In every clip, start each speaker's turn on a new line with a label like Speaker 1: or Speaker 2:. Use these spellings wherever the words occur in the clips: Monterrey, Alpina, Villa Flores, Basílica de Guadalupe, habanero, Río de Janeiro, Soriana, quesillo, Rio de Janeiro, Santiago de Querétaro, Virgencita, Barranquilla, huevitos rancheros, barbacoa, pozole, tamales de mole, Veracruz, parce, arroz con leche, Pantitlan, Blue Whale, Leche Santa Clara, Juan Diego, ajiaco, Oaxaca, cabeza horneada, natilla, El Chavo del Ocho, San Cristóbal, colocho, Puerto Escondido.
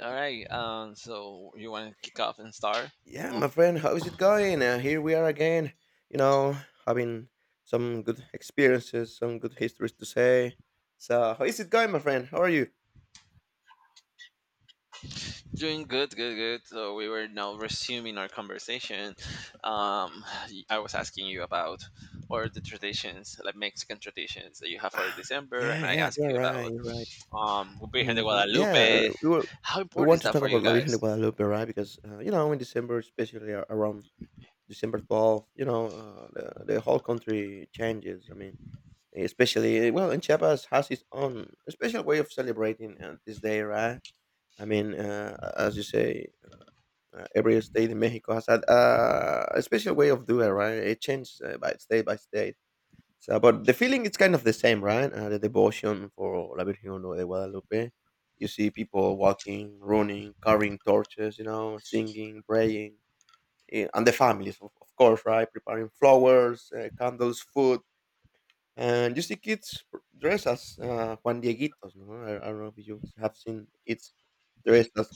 Speaker 1: All right. So you want to kick off and start?
Speaker 2: Yeah,
Speaker 1: Oh,
Speaker 2: my friend, how is it going? Here we are again, you know, having some good experiences, some good histories to say. So, how is it going, my friend? How are you?
Speaker 1: doing good. So we were now resuming our conversation. Um, I was asking you about what are the traditions, like Mexican traditions that you have for
Speaker 2: Ah,
Speaker 1: December, and
Speaker 2: yeah,
Speaker 1: I
Speaker 2: yeah,
Speaker 1: asked
Speaker 2: you're
Speaker 1: you
Speaker 2: right,
Speaker 1: about
Speaker 2: you're right.
Speaker 1: Virgen de
Speaker 2: Hmm. Yeah,
Speaker 1: Guadalupe. How
Speaker 2: we
Speaker 1: important
Speaker 2: want
Speaker 1: is
Speaker 2: to
Speaker 1: that
Speaker 2: talk
Speaker 1: for you
Speaker 2: about La Virgen de
Speaker 1: guys?
Speaker 2: Guadalupe, right? Because, in December, especially around December 12th, the whole country changes. I mean, especially, well, in Chiapas has its own special way of celebrating this day, right? I mean, as you say, every state in Mexico has had a special way of doing it, right? It changes by state by state. So, but the feeling it's kind of the same, right? The devotion for La Virgen de Guadalupe. You see people walking, running, carrying torches, singing, praying, and the families, of course, right? Preparing flowers, candles, food. And you see kids dressed as Juan Dieguitos, no? I don't know if you have seen kids dressed as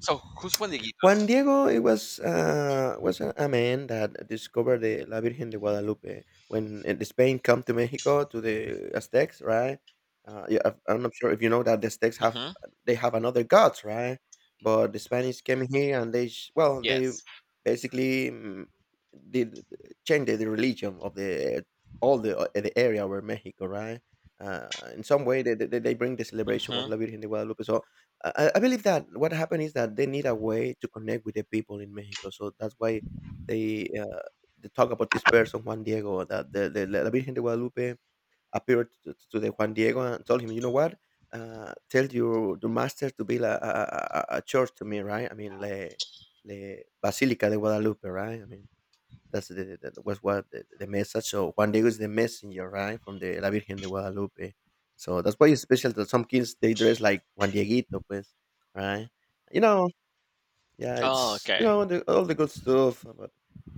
Speaker 1: So who's
Speaker 2: Juan
Speaker 1: Juaniguitos?
Speaker 2: Diego. It was a man that discovered the La Virgen de Guadalupe when the Spain come to Mexico to the Aztecs, right? Yeah, I'm not sure if you know that the Aztecs have
Speaker 1: Mm-hmm.
Speaker 2: they have another gods, right? But the Spanish came here and they well they
Speaker 1: Yes.
Speaker 2: basically did change the religion of the all the area where Mexico, right? Uh, in some way, they bring the celebration of
Speaker 1: Mm-hmm.
Speaker 2: La Virgen de Guadalupe. So I believe that what happened is that they need a way to connect with the people in Mexico, so that's why they, uh, they talk about this person Juan Diego, that the La Virgen de Guadalupe appeared to the Juan Diego and told him, "You know what? Tell your the master to build a church to me, right? I mean, le Basilica de Guadalupe, right? I mean." That was what the message. So Juan Diego is the messenger, right, from the La Virgen de Guadalupe. So that's why it's special that some kids they dress like Juan Dieguito, pues, right? You know, yeah,
Speaker 1: Oh,
Speaker 2: it's
Speaker 1: okay.
Speaker 2: all the good stuff, but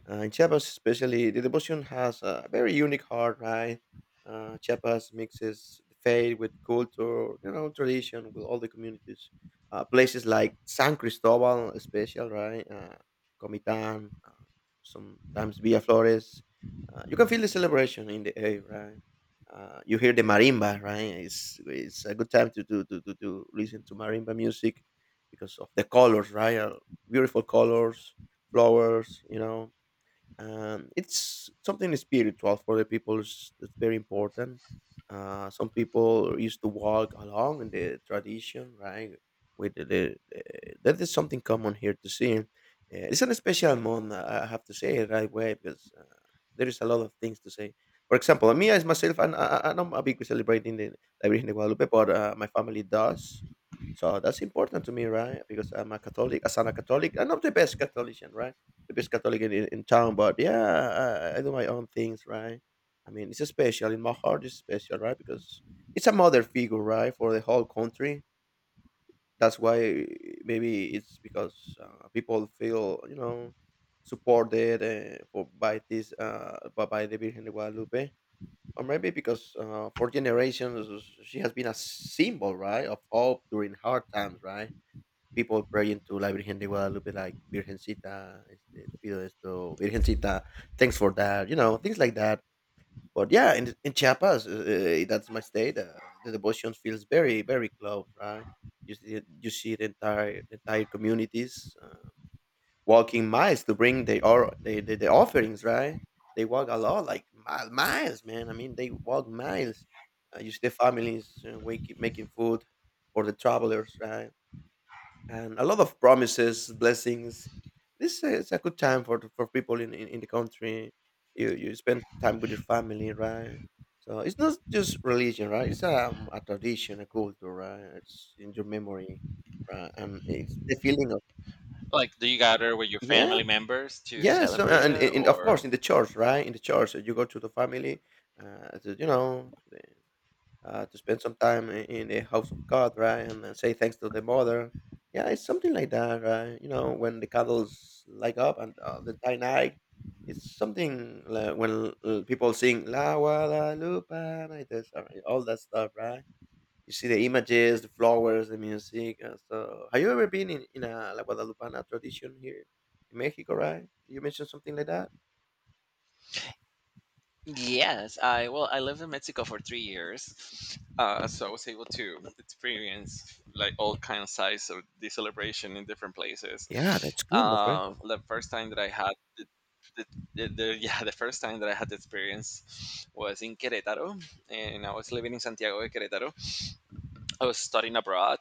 Speaker 2: in Chiapas especially, the devotion has a very unique heart, right? Chiapas mixes the faith with culture, tradition with all the communities. Places like San Cristobal, especially, right? Comitán, sometimes Villa Flores. You can feel the celebration in the air, right? You hear the marimba, right? It's a good time to listen to marimba music because of the colors, right? Beautiful colors, flowers, and it's something spiritual for the people. It's very important. Some people used to walk along in the tradition, right with the That is something common here to see. It's an special month. I have to say it right way because there is a lot of things to say. For example, me as myself, and I'm not a big celebrating the La Virgen de Guadalupe, but my family does, so that's important to me, right? Because I'm a Catholic. As an a Catholic, I'm not the best catholician, right? The best Catholic in town. But yeah, I do my own things, right? I mean, it's special in my heart. It's special, right? Because it's a mother figure, right, for the whole country. That's why maybe it's because people feel, supported by this, by the Virgen de Guadalupe, or maybe because for generations she has been a symbol, right, of hope during hard times, right? People praying to La Virgen de Guadalupe, like Virgencita, este, te pido esto, Virgencita, thanks for that, things like that. But yeah, in Chiapas, that's my state. The devotion feels very, very close, right? You see the entire communities walking miles to bring the offerings, right? They walk a lot, like miles, man. I mean, they walk miles. You see the families making food for the travelers, right? And a lot of promises, blessings. This is a good time for people in the country. You spend time with your family, right? So it's not just religion, right? It's a tradition, a culture, right? It's in your memory, right? And it's the feeling of
Speaker 1: Like, do you gather with your
Speaker 2: yeah,
Speaker 1: family members to
Speaker 2: yeah. So
Speaker 1: celebrate
Speaker 2: and,
Speaker 1: it,
Speaker 2: and of
Speaker 1: or?
Speaker 2: course in the church, right? In the church, you go to the family, uh, to, you know, to spend some time in the house of God, right? And then say thanks to the mother. Yeah, it's something like that, right? When the candles light up and the entire night, it's something like when people sing La Guadalupe, like this, all that stuff, right? You see the images, the flowers, the music. So, have you ever been in a La Guadalupana tradition here in Mexico, right? You mentioned something like that?
Speaker 1: Yes, I well, I lived in Mexico for 3 years, so I was able to experience like all kind of size of the celebration in different places.
Speaker 2: Yeah, that's good, my friend.
Speaker 1: The first time that I had the, the, the yeah, the first time that I had the experience was in Querétaro, and I was living in Santiago de Querétaro. I was studying abroad,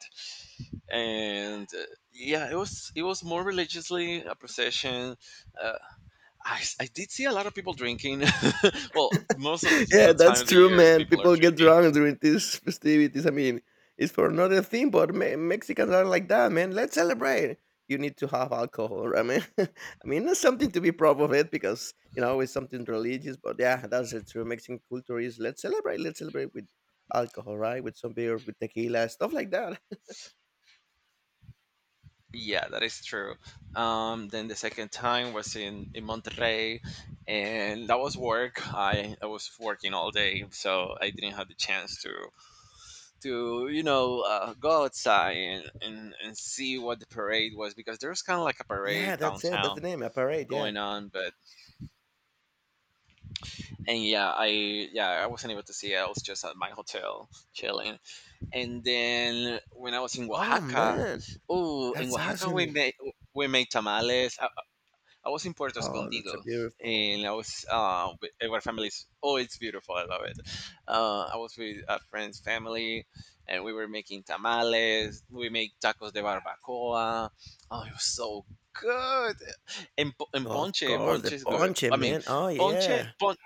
Speaker 1: and yeah, it was more religiously a procession. uh, I did see a lot of people drinking. Well, most of the,
Speaker 2: Yeah,
Speaker 1: the time
Speaker 2: that's
Speaker 1: of the
Speaker 2: true,
Speaker 1: year,
Speaker 2: man.
Speaker 1: people are
Speaker 2: People get
Speaker 1: drinking.
Speaker 2: drunk during these festivities. I mean, it's for another thing, but Mexicans are like that, man. Let's celebrate. You need to have alcohol, right, man? I mean, it's something to be proud of it because it's something religious. But yeah, that's the true Mexican culture is let's celebrate. Let's celebrate with alcohol, right? With some beer, with tequila, stuff like that.
Speaker 1: Yeah, that is true. Then the second time was in Monterrey, and that was work. I was working all day, so I didn't have the chance to you know, go outside and see what the parade was because there was kind of like a
Speaker 2: Yeah,
Speaker 1: parade
Speaker 2: that's it. That's the
Speaker 1: downtown
Speaker 2: name. A parade. Yeah.
Speaker 1: going on but and yeah I yeah, I wasn't able to see it. I was just at my hotel chilling. And then when I was in
Speaker 2: Oh
Speaker 1: Oaxaca,
Speaker 2: man,
Speaker 1: oh, in
Speaker 2: that's
Speaker 1: Oaxaca we
Speaker 2: awesome.
Speaker 1: made tamales. I was in Puerto
Speaker 2: Oh, that's a
Speaker 1: Escondido,
Speaker 2: beautiful.
Speaker 1: and I was with our families. Oh, it's beautiful! I love it. I was with a friend's family, and we were making tamales. We made tacos de barbacoa. Oh, it was so good. And
Speaker 2: Of
Speaker 1: ponche,
Speaker 2: course,
Speaker 1: ponche
Speaker 2: the
Speaker 1: is good.
Speaker 2: ponche,
Speaker 1: I mean,
Speaker 2: man. Oh
Speaker 1: ponche,
Speaker 2: yeah.
Speaker 1: pon.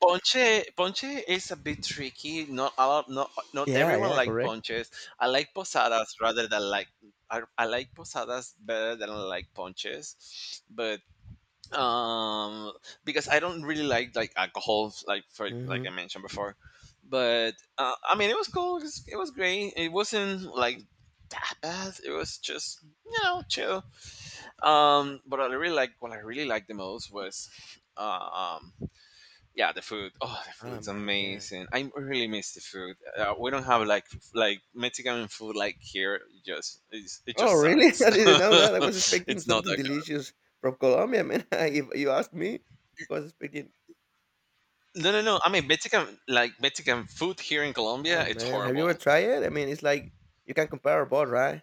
Speaker 1: Ponche, ponche is a bit tricky. Not a lot, not
Speaker 2: Yeah,
Speaker 1: everyone
Speaker 2: yeah,
Speaker 1: like
Speaker 2: correct.
Speaker 1: ponches. I like posadas rather than like I like posadas better than I like ponches, but um because I don't really like alcohol like for like I
Speaker 2: Mhm.
Speaker 1: mentioned before, but I mean it was cool. It was great. It wasn't like that bad. It was just you know chill. But I really like what I really liked the most was um yeah, the food. Oh, the
Speaker 2: Oh,
Speaker 1: food's
Speaker 2: man, yeah.
Speaker 1: amazing. I really miss the food. We don't have like Mexican food like here. It
Speaker 2: Oh,
Speaker 1: just
Speaker 2: really?
Speaker 1: sucks.
Speaker 2: I didn't know that. I was expecting
Speaker 1: It's not
Speaker 2: something
Speaker 1: that
Speaker 2: delicious from Colombia, man. If you ask me, I was expecting.
Speaker 1: good. No, no, no, I mean Mexican like Mexican food here in
Speaker 2: Oh,
Speaker 1: Colombia, it's
Speaker 2: man, have you ever
Speaker 1: horrible.
Speaker 2: tried it? I mean, it's like you can compare both, right?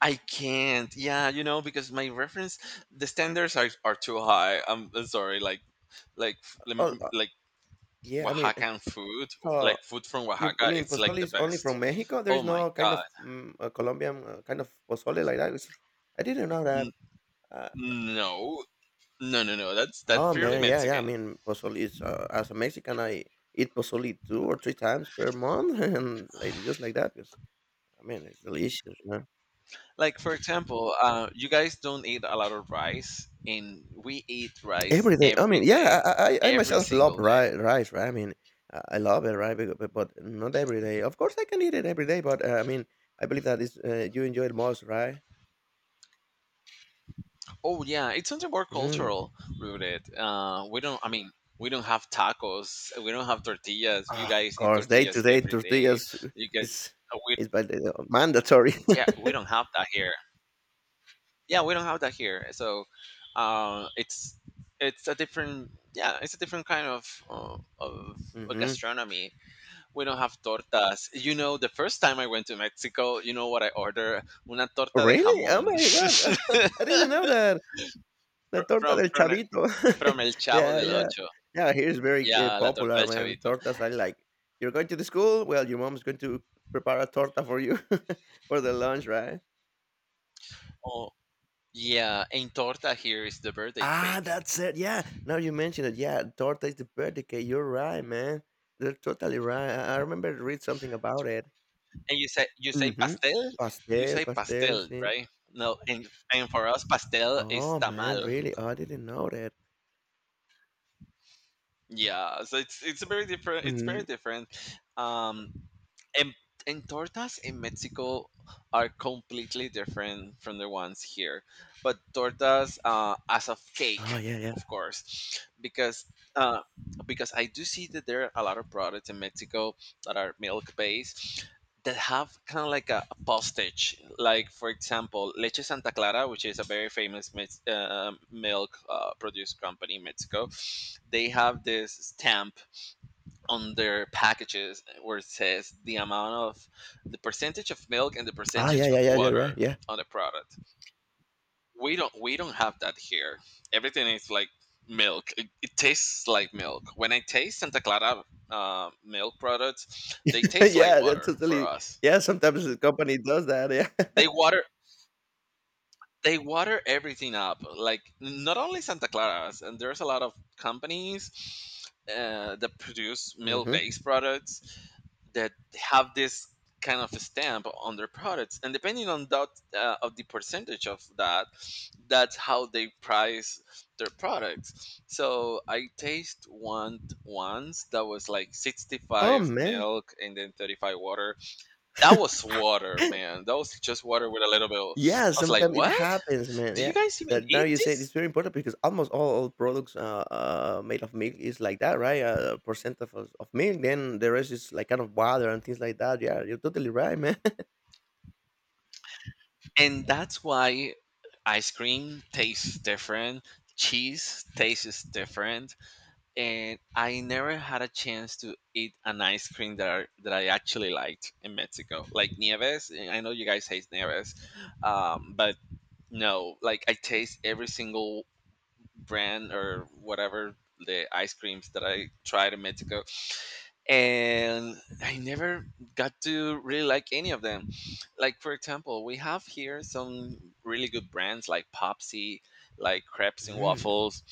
Speaker 1: I can't Yeah, you know, because my reference, the standards are too high. I'm sorry, like like
Speaker 2: Oh,
Speaker 1: lem- like
Speaker 2: yeah. I mean,
Speaker 1: Oaxacan food,
Speaker 2: so
Speaker 1: like food from
Speaker 2: I
Speaker 1: Oaxaca,
Speaker 2: mean,
Speaker 1: it's like
Speaker 2: pozole
Speaker 1: the
Speaker 2: is only
Speaker 1: best.
Speaker 2: from Mexico. There
Speaker 1: Oh
Speaker 2: is
Speaker 1: my
Speaker 2: no kind
Speaker 1: god.
Speaker 2: of Colombian kind of pozole like that. I didn't know that.
Speaker 1: N-
Speaker 2: Uh,
Speaker 1: no No, no, no. That's
Speaker 2: Oh
Speaker 1: purely
Speaker 2: man, yeah, yeah. I
Speaker 1: Mexican.
Speaker 2: mean, pozole is as a Mexican, I eat pozole two or three times per month, and like just like that, because I mean, it's delicious. You know?
Speaker 1: Like for example, you guys don't eat a lot of rice, and we eat rice
Speaker 2: Every day. I
Speaker 1: every
Speaker 2: mean, yeah,
Speaker 1: day,
Speaker 2: I
Speaker 1: every
Speaker 2: myself love
Speaker 1: single day.
Speaker 2: rice, rice, right? I mean, I love it, right? Because, but not every day. Of course, I can eat it every day, but I mean, I believe that is you enjoy it most, right?
Speaker 1: Oh yeah, it's something more
Speaker 2: Mm.
Speaker 1: cultural rooted. We don't. I mean, we don't have tacos. We don't have tortillas. You
Speaker 2: Of
Speaker 1: guys eat
Speaker 2: course, day to
Speaker 1: tortillas
Speaker 2: day
Speaker 1: every day.
Speaker 2: tortillas
Speaker 1: You get.
Speaker 2: is
Speaker 1: We
Speaker 2: is mandatory.
Speaker 1: Yeah. We don't have that here. Yeah, we don't have that here. So, uh, it's it's a different. Yeah, it's a different kind of
Speaker 2: Hmm.
Speaker 1: gastronomy. We don't have tortas. You know, the first time I went to Mexico, you know what I ordered? Una torta de
Speaker 2: Really? Oh
Speaker 1: jamón.
Speaker 2: my god! I didn't know that. The torta
Speaker 1: From
Speaker 2: del
Speaker 1: from
Speaker 2: chavito.
Speaker 1: from El Chavo
Speaker 2: Yeah,
Speaker 1: del
Speaker 2: yeah.
Speaker 1: Ocho.
Speaker 2: Yeah, here is very,
Speaker 1: Yeah, la torta
Speaker 2: popular,
Speaker 1: del
Speaker 2: man.
Speaker 1: chavito.
Speaker 2: Tortas are like, "You're going to the school? Well, your mom's going to prepare a torta for you for the lunch, right?"
Speaker 1: Oh, yeah. And torta here is the birthday
Speaker 2: Ah,
Speaker 1: cake.
Speaker 2: that's it, yeah. Now you mentioned it, yeah, torta is the birthday cake. You're right, man. You're totally right. I remember read something about it.
Speaker 1: And you say
Speaker 2: Mhm.
Speaker 1: pastel. You
Speaker 2: Pastel,
Speaker 1: say
Speaker 2: pastel,
Speaker 1: pastel,
Speaker 2: sí.
Speaker 1: right? No, and for us pastel is
Speaker 2: Oh, man,
Speaker 1: tamal.
Speaker 2: really? Oh, I didn't know that.
Speaker 1: Yeah, so it's very different. It's very
Speaker 2: Mhm.
Speaker 1: different. Um, And, and tortas in Mexico are completely different from the ones here. But tortas, as of
Speaker 2: Oh,
Speaker 1: cake,
Speaker 2: yeah, yeah.
Speaker 1: of course, because uh, I do see that there are a lot of products in Mexico that are milk based, that have kind of like a postage. Like for example, Leche Santa Clara, which is a very famous Mex- milk produce company in Mexico, they have this stamp on their packages where it says the amount of the percentage of milk and the
Speaker 2: Ah,
Speaker 1: percentage
Speaker 2: yeah, yeah,
Speaker 1: of
Speaker 2: yeah, yeah, right,
Speaker 1: water
Speaker 2: yeah.
Speaker 1: on the product. We don't have that here. Everything is like milk. It tastes like milk. When I taste Santa Clara milk products, they taste like
Speaker 2: Yeah, that's
Speaker 1: water for
Speaker 2: totally
Speaker 1: us.
Speaker 2: yeah, sometimes the company does that, yeah.
Speaker 1: They water they water everything up, like not only Santa Clara's, and there's a lot of companies that produce
Speaker 2: Mhm.
Speaker 1: milk-based products that have this kind of stamp on their products, and depending on that, of the percentage of that that's how they price their products. So I taste one once that was like
Speaker 2: Oh,
Speaker 1: 65
Speaker 2: man.
Speaker 1: milk and then 35 water. That was water, man. That was just water with a little bit of-
Speaker 2: Yeah,
Speaker 1: I was like,
Speaker 2: sometimes it
Speaker 1: "What?
Speaker 2: happens, man,
Speaker 1: Do you
Speaker 2: yeah.
Speaker 1: guys even
Speaker 2: That now
Speaker 1: eat
Speaker 2: you say
Speaker 1: this?"
Speaker 2: it's very important because almost all products, made of milk is like that, right? Percent of milk, then the rest is like kind of water and things like that. Yeah, you're totally right, man.
Speaker 1: And that's why ice cream tastes different. Cheese tastes different, and I never had a chance to eat an ice cream that I actually liked in Mexico, like Nieves. And I know you guys hate Nieves, but no, like I taste every single brand or whatever the ice creams that I tried in Mexico, and I never got to really like any of them. Like for example, we have here some really good brands like Popsy, like Crepes and
Speaker 2: Mm.
Speaker 1: Waffles,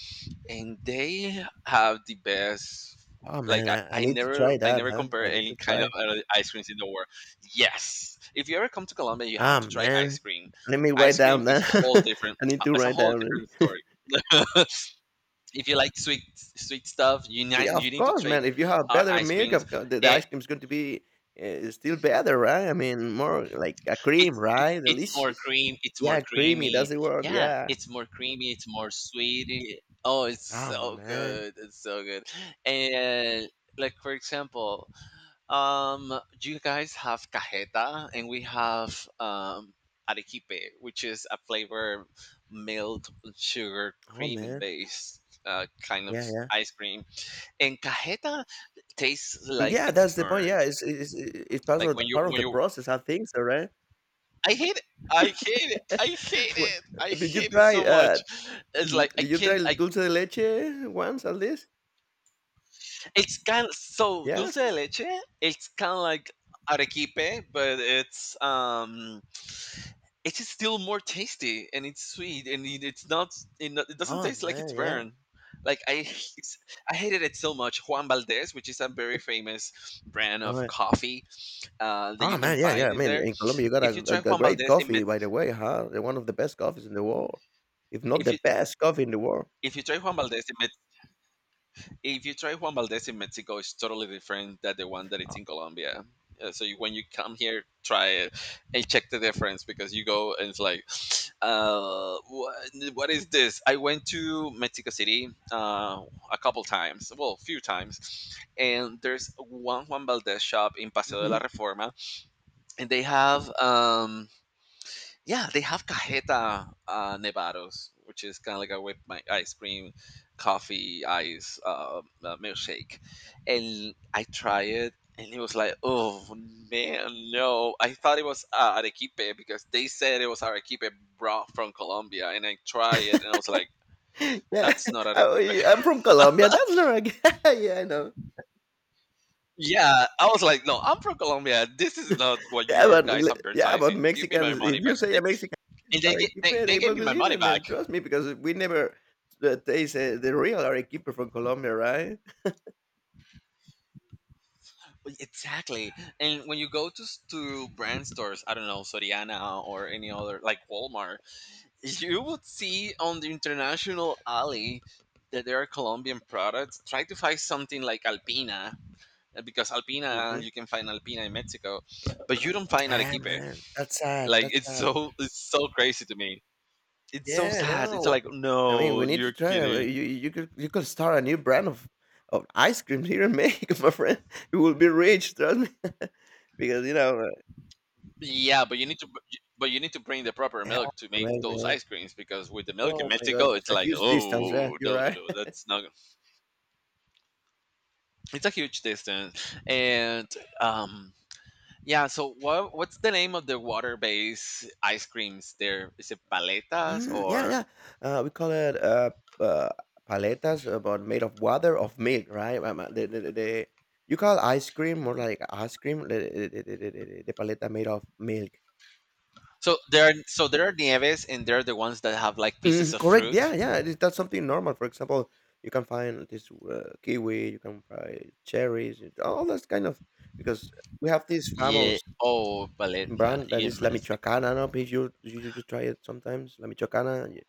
Speaker 1: and they have the best.
Speaker 2: Oh, man,
Speaker 1: Like
Speaker 2: I need to try
Speaker 1: I
Speaker 2: that,
Speaker 1: never
Speaker 2: huh?
Speaker 1: compare
Speaker 2: I need
Speaker 1: any
Speaker 2: to
Speaker 1: kind of
Speaker 2: try.
Speaker 1: other ice creams in the world. Yes, if you ever come to Colombia, you have to
Speaker 2: Ah,
Speaker 1: try ice
Speaker 2: man.
Speaker 1: cream.
Speaker 2: Let me write
Speaker 1: Ice cream
Speaker 2: down
Speaker 1: is a
Speaker 2: that.
Speaker 1: whole different.
Speaker 2: I need to
Speaker 1: It's a
Speaker 2: write
Speaker 1: whole
Speaker 2: down
Speaker 1: different
Speaker 2: really.
Speaker 1: story. If you like sweet stuff,
Speaker 2: Yeah,
Speaker 1: you
Speaker 2: of
Speaker 1: need to
Speaker 2: course,
Speaker 1: try
Speaker 2: man. If you have
Speaker 1: our
Speaker 2: better
Speaker 1: ice
Speaker 2: milk,
Speaker 1: creams.
Speaker 2: of course, the
Speaker 1: It,
Speaker 2: ice cream is going to be still better, right? I mean, more like a cream, right?
Speaker 1: it's more
Speaker 2: Delicious.
Speaker 1: cream. It's more
Speaker 2: Yeah, creamy.
Speaker 1: creamy.
Speaker 2: That's the word.
Speaker 1: Yeah,
Speaker 2: Yeah.
Speaker 1: it's more creamy. It's more sweet. Oh, it's
Speaker 2: Oh
Speaker 1: so
Speaker 2: man.
Speaker 1: good. It's so good. And like for example, you guys have cajeta, and we have arequipe, which is a flavor milk sugar
Speaker 2: Oh
Speaker 1: cream and
Speaker 2: man.
Speaker 1: base, kind of
Speaker 2: Yeah, yeah.
Speaker 1: ice cream. And cajeta tastes like
Speaker 2: Yeah,
Speaker 1: it's
Speaker 2: that's the point.
Speaker 1: burned.
Speaker 2: Yeah, it's part
Speaker 1: Like
Speaker 2: of the, part of
Speaker 1: when
Speaker 2: the
Speaker 1: you
Speaker 2: process. I think so, right?
Speaker 1: I hate it. I hate it. I hate
Speaker 2: Wh-
Speaker 1: it. I
Speaker 2: did you
Speaker 1: hate it
Speaker 2: try?
Speaker 1: so much. It's
Speaker 2: Mhm,
Speaker 1: like I
Speaker 2: did you try
Speaker 1: can't. I
Speaker 2: dulce de leche once at least?
Speaker 1: It's kind of so dulce
Speaker 2: Yes.
Speaker 1: de leche. It's kind of like arequipe, but it's still more tasty and it's sweet and it's not it doesn't
Speaker 2: Oh
Speaker 1: taste like
Speaker 2: man,
Speaker 1: it's
Speaker 2: yeah.
Speaker 1: burned. Like I h- it's, I hated it so much. Juan Valdez, which is a very famous brand of coffee that you
Speaker 2: Oh,
Speaker 1: can
Speaker 2: man, yeah, yeah,
Speaker 1: find
Speaker 2: I
Speaker 1: in
Speaker 2: mean,
Speaker 1: there.
Speaker 2: in Colombia, you got
Speaker 1: If
Speaker 2: a
Speaker 1: you try
Speaker 2: a a
Speaker 1: Juan
Speaker 2: great
Speaker 1: Valdez in
Speaker 2: coffee, by the way, huh? They're one of the best coffees in the world, if not
Speaker 1: if
Speaker 2: the
Speaker 1: you
Speaker 2: best coffee in the world.
Speaker 1: if you try Juan Valdez in Mex- If you try Juan Valdez in Mexico, it's totally different than the one that
Speaker 2: Uh,
Speaker 1: it's in Colombia. So you, when you come here, try it and check the difference, because you go and it's like, uh, what, what is this? I went to Mexico City a couple times, well, few times, and there's one Juan Valdez shop in Paseo de la
Speaker 2: mhm.
Speaker 1: Reforma, and they have yeah, they have cajeta, nevados, which is kind of like a whipped my ice cream, coffee, ice milkshake, and I tried it, and it was like, oh man, no! I thought it was arequipe, because they said it was arequipe brought from Colombia, and I tried it, and I was like,
Speaker 2: Yeah,
Speaker 1: that's not
Speaker 2: oh,
Speaker 1: arequipe.
Speaker 2: yeah, I'm from Colombia, that's not a g yeah, I know.
Speaker 1: Yeah, I was like, no, I'm from Colombia. This is not what you are guys
Speaker 2: Yeah, but
Speaker 1: advertising. Give me my
Speaker 2: Mexicans, if
Speaker 1: money back,
Speaker 2: you say a
Speaker 1: and
Speaker 2: Mexican is
Speaker 1: they, ga-
Speaker 2: arequipe,
Speaker 1: they
Speaker 2: they
Speaker 1: gave
Speaker 2: will
Speaker 1: me my
Speaker 2: believe
Speaker 1: money
Speaker 2: it,
Speaker 1: back.
Speaker 2: man, trust me, because we never taste, the real arequipe from Colombia, right?
Speaker 1: Well, exactly. And when you go to s- to brand stores, I don't know, Soriana or any other like Walmart, you would see on the international alley that there are Colombian products. Try to find something like Alpina, because Alpina
Speaker 2: Mhm.
Speaker 1: you can find Alpina in Mexico, but you don't find
Speaker 2: Ah,
Speaker 1: Arequipe.
Speaker 2: man, that's sad, that's sad.
Speaker 1: It's so crazy to me. It's so
Speaker 2: Yeah,
Speaker 1: sad. It's
Speaker 2: no.
Speaker 1: like
Speaker 2: I mean,
Speaker 1: no,
Speaker 2: we need to
Speaker 1: you're
Speaker 2: try.
Speaker 1: kidding.
Speaker 2: You you could start a new brand of ice cream here in Mexico, my friend. You will be rich, trust me. Because you know,
Speaker 1: Yeah, but you need to bring the proper
Speaker 2: yeah,
Speaker 1: milk to make
Speaker 2: right,
Speaker 1: those
Speaker 2: man.
Speaker 1: ice creams, because with the milk in
Speaker 2: Oh my God,
Speaker 1: Mexico,
Speaker 2: it's
Speaker 1: it's
Speaker 2: a
Speaker 1: like,
Speaker 2: huge distance. Yeah,
Speaker 1: oh
Speaker 2: you're
Speaker 1: no, no,
Speaker 2: right.
Speaker 1: no, that's not. It's a huge distance, and um, yeah. So what's the name of the water-based ice creams there? Is it paletas
Speaker 2: Mm, yeah,
Speaker 1: or?
Speaker 2: yeah. We call it uh paletas, but made of water of milk, right? You call ice cream more like ice cream. The paleta made of milk.
Speaker 1: So there are nieves and there are the ones that have like pieces
Speaker 2: Mm,
Speaker 1: of
Speaker 2: correct. Yeah,
Speaker 1: fruit.
Speaker 2: yeah. That's something normal. For example, you can find this kiwi, you can find cherries, all that kind of. Because we have this
Speaker 1: Yeah.
Speaker 2: famous
Speaker 1: Oh, paleta
Speaker 2: brand that
Speaker 1: in
Speaker 2: is La
Speaker 1: Mexico.
Speaker 2: Michoacana. No, if you try it sometimes, La Michoacana.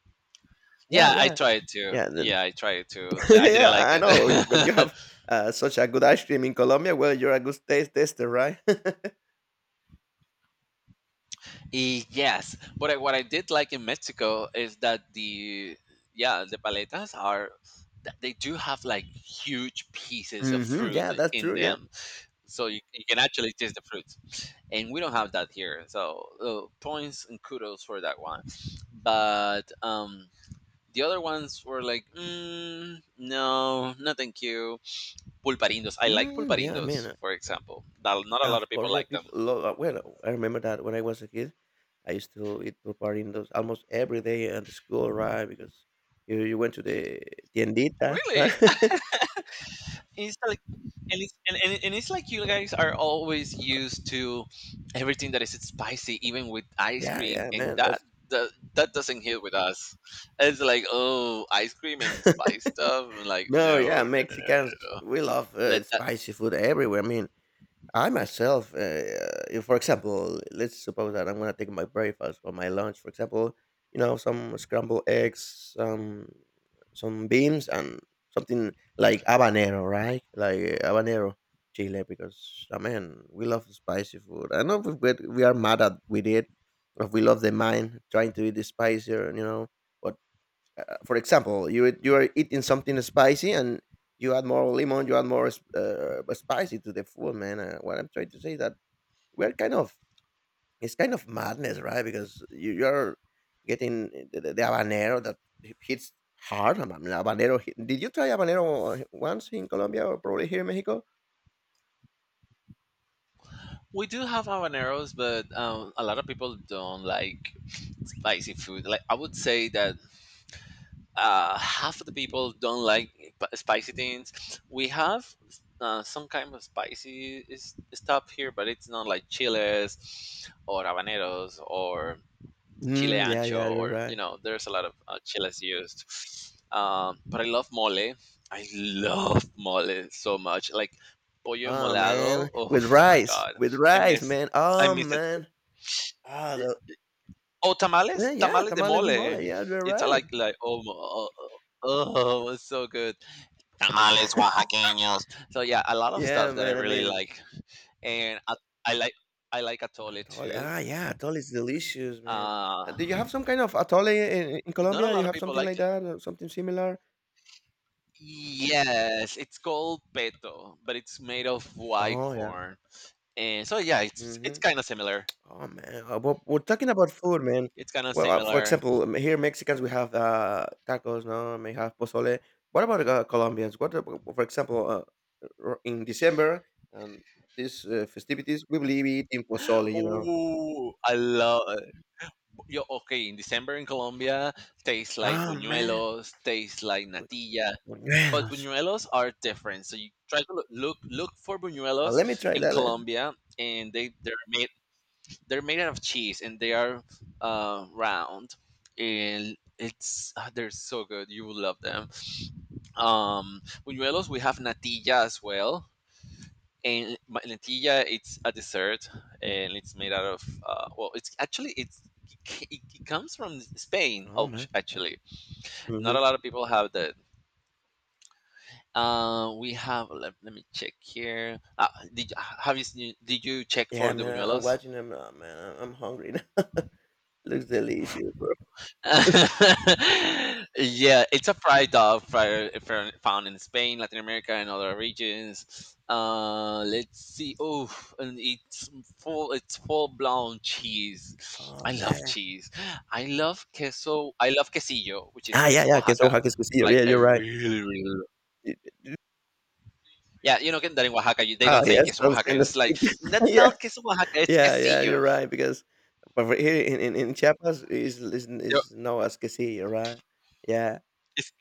Speaker 2: Yeah,
Speaker 1: Yeah, I
Speaker 2: yeah,
Speaker 1: tried to.
Speaker 2: yeah. Then,
Speaker 1: Yeah, I tried to. I
Speaker 2: yeah,
Speaker 1: didn't like
Speaker 2: I
Speaker 1: it.
Speaker 2: know. When you have such a good ice cream in Colombia, well, you're a good taste tester, right?
Speaker 1: Y yes, but what I did like in Mexico is that the paletas are they do have like huge pieces of
Speaker 2: Hmm,
Speaker 1: fruit
Speaker 2: yeah, that's
Speaker 1: in
Speaker 2: true. Yeah.
Speaker 1: them, so you can actually taste the fruit, and we don't have that here. So points and kudos for that one, but The other ones were like, no, no, thank you. Pulparindos. I like
Speaker 2: Mm, yeah,
Speaker 1: pulparindos,
Speaker 2: man.
Speaker 1: for example. Not a lot of
Speaker 2: Of
Speaker 1: people
Speaker 2: course, yeah,
Speaker 1: like them.
Speaker 2: people love, well, I remember that when I was a kid, I used to eat pool almost every day at the school, right? Because you went to the tiendita, right?
Speaker 1: Really? It's like and it's and it's like you guys are always used to everything that is spicy even with ice
Speaker 2: Yeah,
Speaker 1: cream
Speaker 2: yeah,
Speaker 1: and
Speaker 2: man, that's
Speaker 1: that doesn't hit with us. It's like, oh, ice cream and spice stuff and like
Speaker 2: no, yeah,
Speaker 1: no no no no
Speaker 2: Mexicans
Speaker 1: no no
Speaker 2: we love
Speaker 1: let that.
Speaker 2: spicy food everywhere. I mean, I myself, if, for example, let's suppose that I'm gonna take my breakfast or my lunch, for example, you know, some scrambled eggs, some beans, and something like habanero, right? Like habanero chile, because I mean, we love spicy food. I know we are mad at with it, but we love the mind trying to eat the spicier, you know. But for example, you are eating something spicy and you add more lemon, you add more spicy to the food, man. What I'm trying to say is that we're kind of it's kind of madness, right? Because you're getting the, the habanero that hits hard. I mean, habanero. Did you try habanero once in Colombia or probably here in Mexico?
Speaker 1: We do have habaneros but a lot of people don't like spicy food. Like I would say that half of the people don't like spicy things. We have some kind of stuff here, but it's not like chiles or habaneros or chile
Speaker 2: Mm, yeah,
Speaker 1: ancho
Speaker 2: yeah, you're
Speaker 1: or you
Speaker 2: right.
Speaker 1: know. There's a lot of chiles used, but I love mole. I love mole so much, like pollo
Speaker 2: Oh
Speaker 1: molado.
Speaker 2: man,
Speaker 1: Oh my god,
Speaker 2: with
Speaker 1: I
Speaker 2: rice,
Speaker 1: miss
Speaker 2: man.
Speaker 1: I
Speaker 2: Oh
Speaker 1: miss it.
Speaker 2: man. Ah, the,
Speaker 1: Oh, tamales,
Speaker 2: yeah, yeah,
Speaker 1: tamales de
Speaker 2: tamales de mole.
Speaker 1: mole.
Speaker 2: Yeah, you're
Speaker 1: It's
Speaker 2: right.
Speaker 1: like oh, it's so good. Tamales oaxaqueños. So yeah, a lot of
Speaker 2: Yeah,
Speaker 1: stuff that I
Speaker 2: man. I
Speaker 1: really
Speaker 2: mean,
Speaker 1: like, and I, I like I like atole
Speaker 2: atole.
Speaker 1: too.
Speaker 2: Ah, yeah, atole is delicious, man.
Speaker 1: Uh,
Speaker 2: Do you have some kind of atole in
Speaker 1: Not a
Speaker 2: Colombia? Do
Speaker 1: lot
Speaker 2: you
Speaker 1: of
Speaker 2: have
Speaker 1: people
Speaker 2: something
Speaker 1: like
Speaker 2: like
Speaker 1: it.
Speaker 2: that or something similar?
Speaker 1: Yes, it's called peto, but it's made of white
Speaker 2: Oh, yeah.
Speaker 1: corn, and so yeah, it's
Speaker 2: Hmm.
Speaker 1: kind of similar.
Speaker 2: Oh, man. But we're talking about food, man.
Speaker 1: It's kind of
Speaker 2: Well, for
Speaker 1: similar.
Speaker 2: example, here Mexicans, we have tacos, no? We have pozole. What about Colombians? What, for example, in December and these festivities, we will be eating pozole, you know?
Speaker 1: Oh, I love. Yo, okay, in December in Colombia, tastes like
Speaker 2: Ah, man.
Speaker 1: buñuelos, tastes like
Speaker 2: With
Speaker 1: natilla, but
Speaker 2: buñuelos.
Speaker 1: buñuelos are different. So you try to look for buñuelos
Speaker 2: Let me try
Speaker 1: in
Speaker 2: that.
Speaker 1: Colombia, and they're made out of cheese, and they are round, and they're so good. You will love them. Buñuelos, we have natilla as well. And natilla, it's a dessert, and it's made out of well, it, it comes from Spain,
Speaker 2: Oh, man.
Speaker 1: actually. Not a
Speaker 2: Mhm.
Speaker 1: lot of people have this. We have let me check here. Have you seen, did you check for
Speaker 2: Yeah,
Speaker 1: the
Speaker 2: man, I'm
Speaker 1: buñuelos?
Speaker 2: watching them now, man. I'm hungry now. Looks delicious, bro.
Speaker 1: Yeah, it's a fried, found in Spain, Latin America, and other regions. Let's see. Oh, and It's full blown cheese.
Speaker 2: Oh,
Speaker 1: I love
Speaker 2: man.
Speaker 1: cheese. I love queso. I love quesillo, which is
Speaker 2: Ah, yeah,
Speaker 1: queso
Speaker 2: yeah, queso
Speaker 1: Oaxaca.
Speaker 2: Jaque's quesillo. Yeah,
Speaker 1: Like I
Speaker 2: you're right.
Speaker 1: really, really.
Speaker 2: Y
Speaker 1: Yeah, you know that in Oaxaca, they
Speaker 2: Oh,
Speaker 1: don't say
Speaker 2: yeah,
Speaker 1: queso
Speaker 2: sounds
Speaker 1: Oaxaca.
Speaker 2: kind of
Speaker 1: It's like that's
Speaker 2: yeah.
Speaker 1: not queso Oaxaca. It's
Speaker 2: Yeah, yeah, you're
Speaker 1: quesillo.
Speaker 2: right because over here in Chiapas
Speaker 1: Yo,
Speaker 2: is known as quesillo, right? Yeah.
Speaker 1: It's,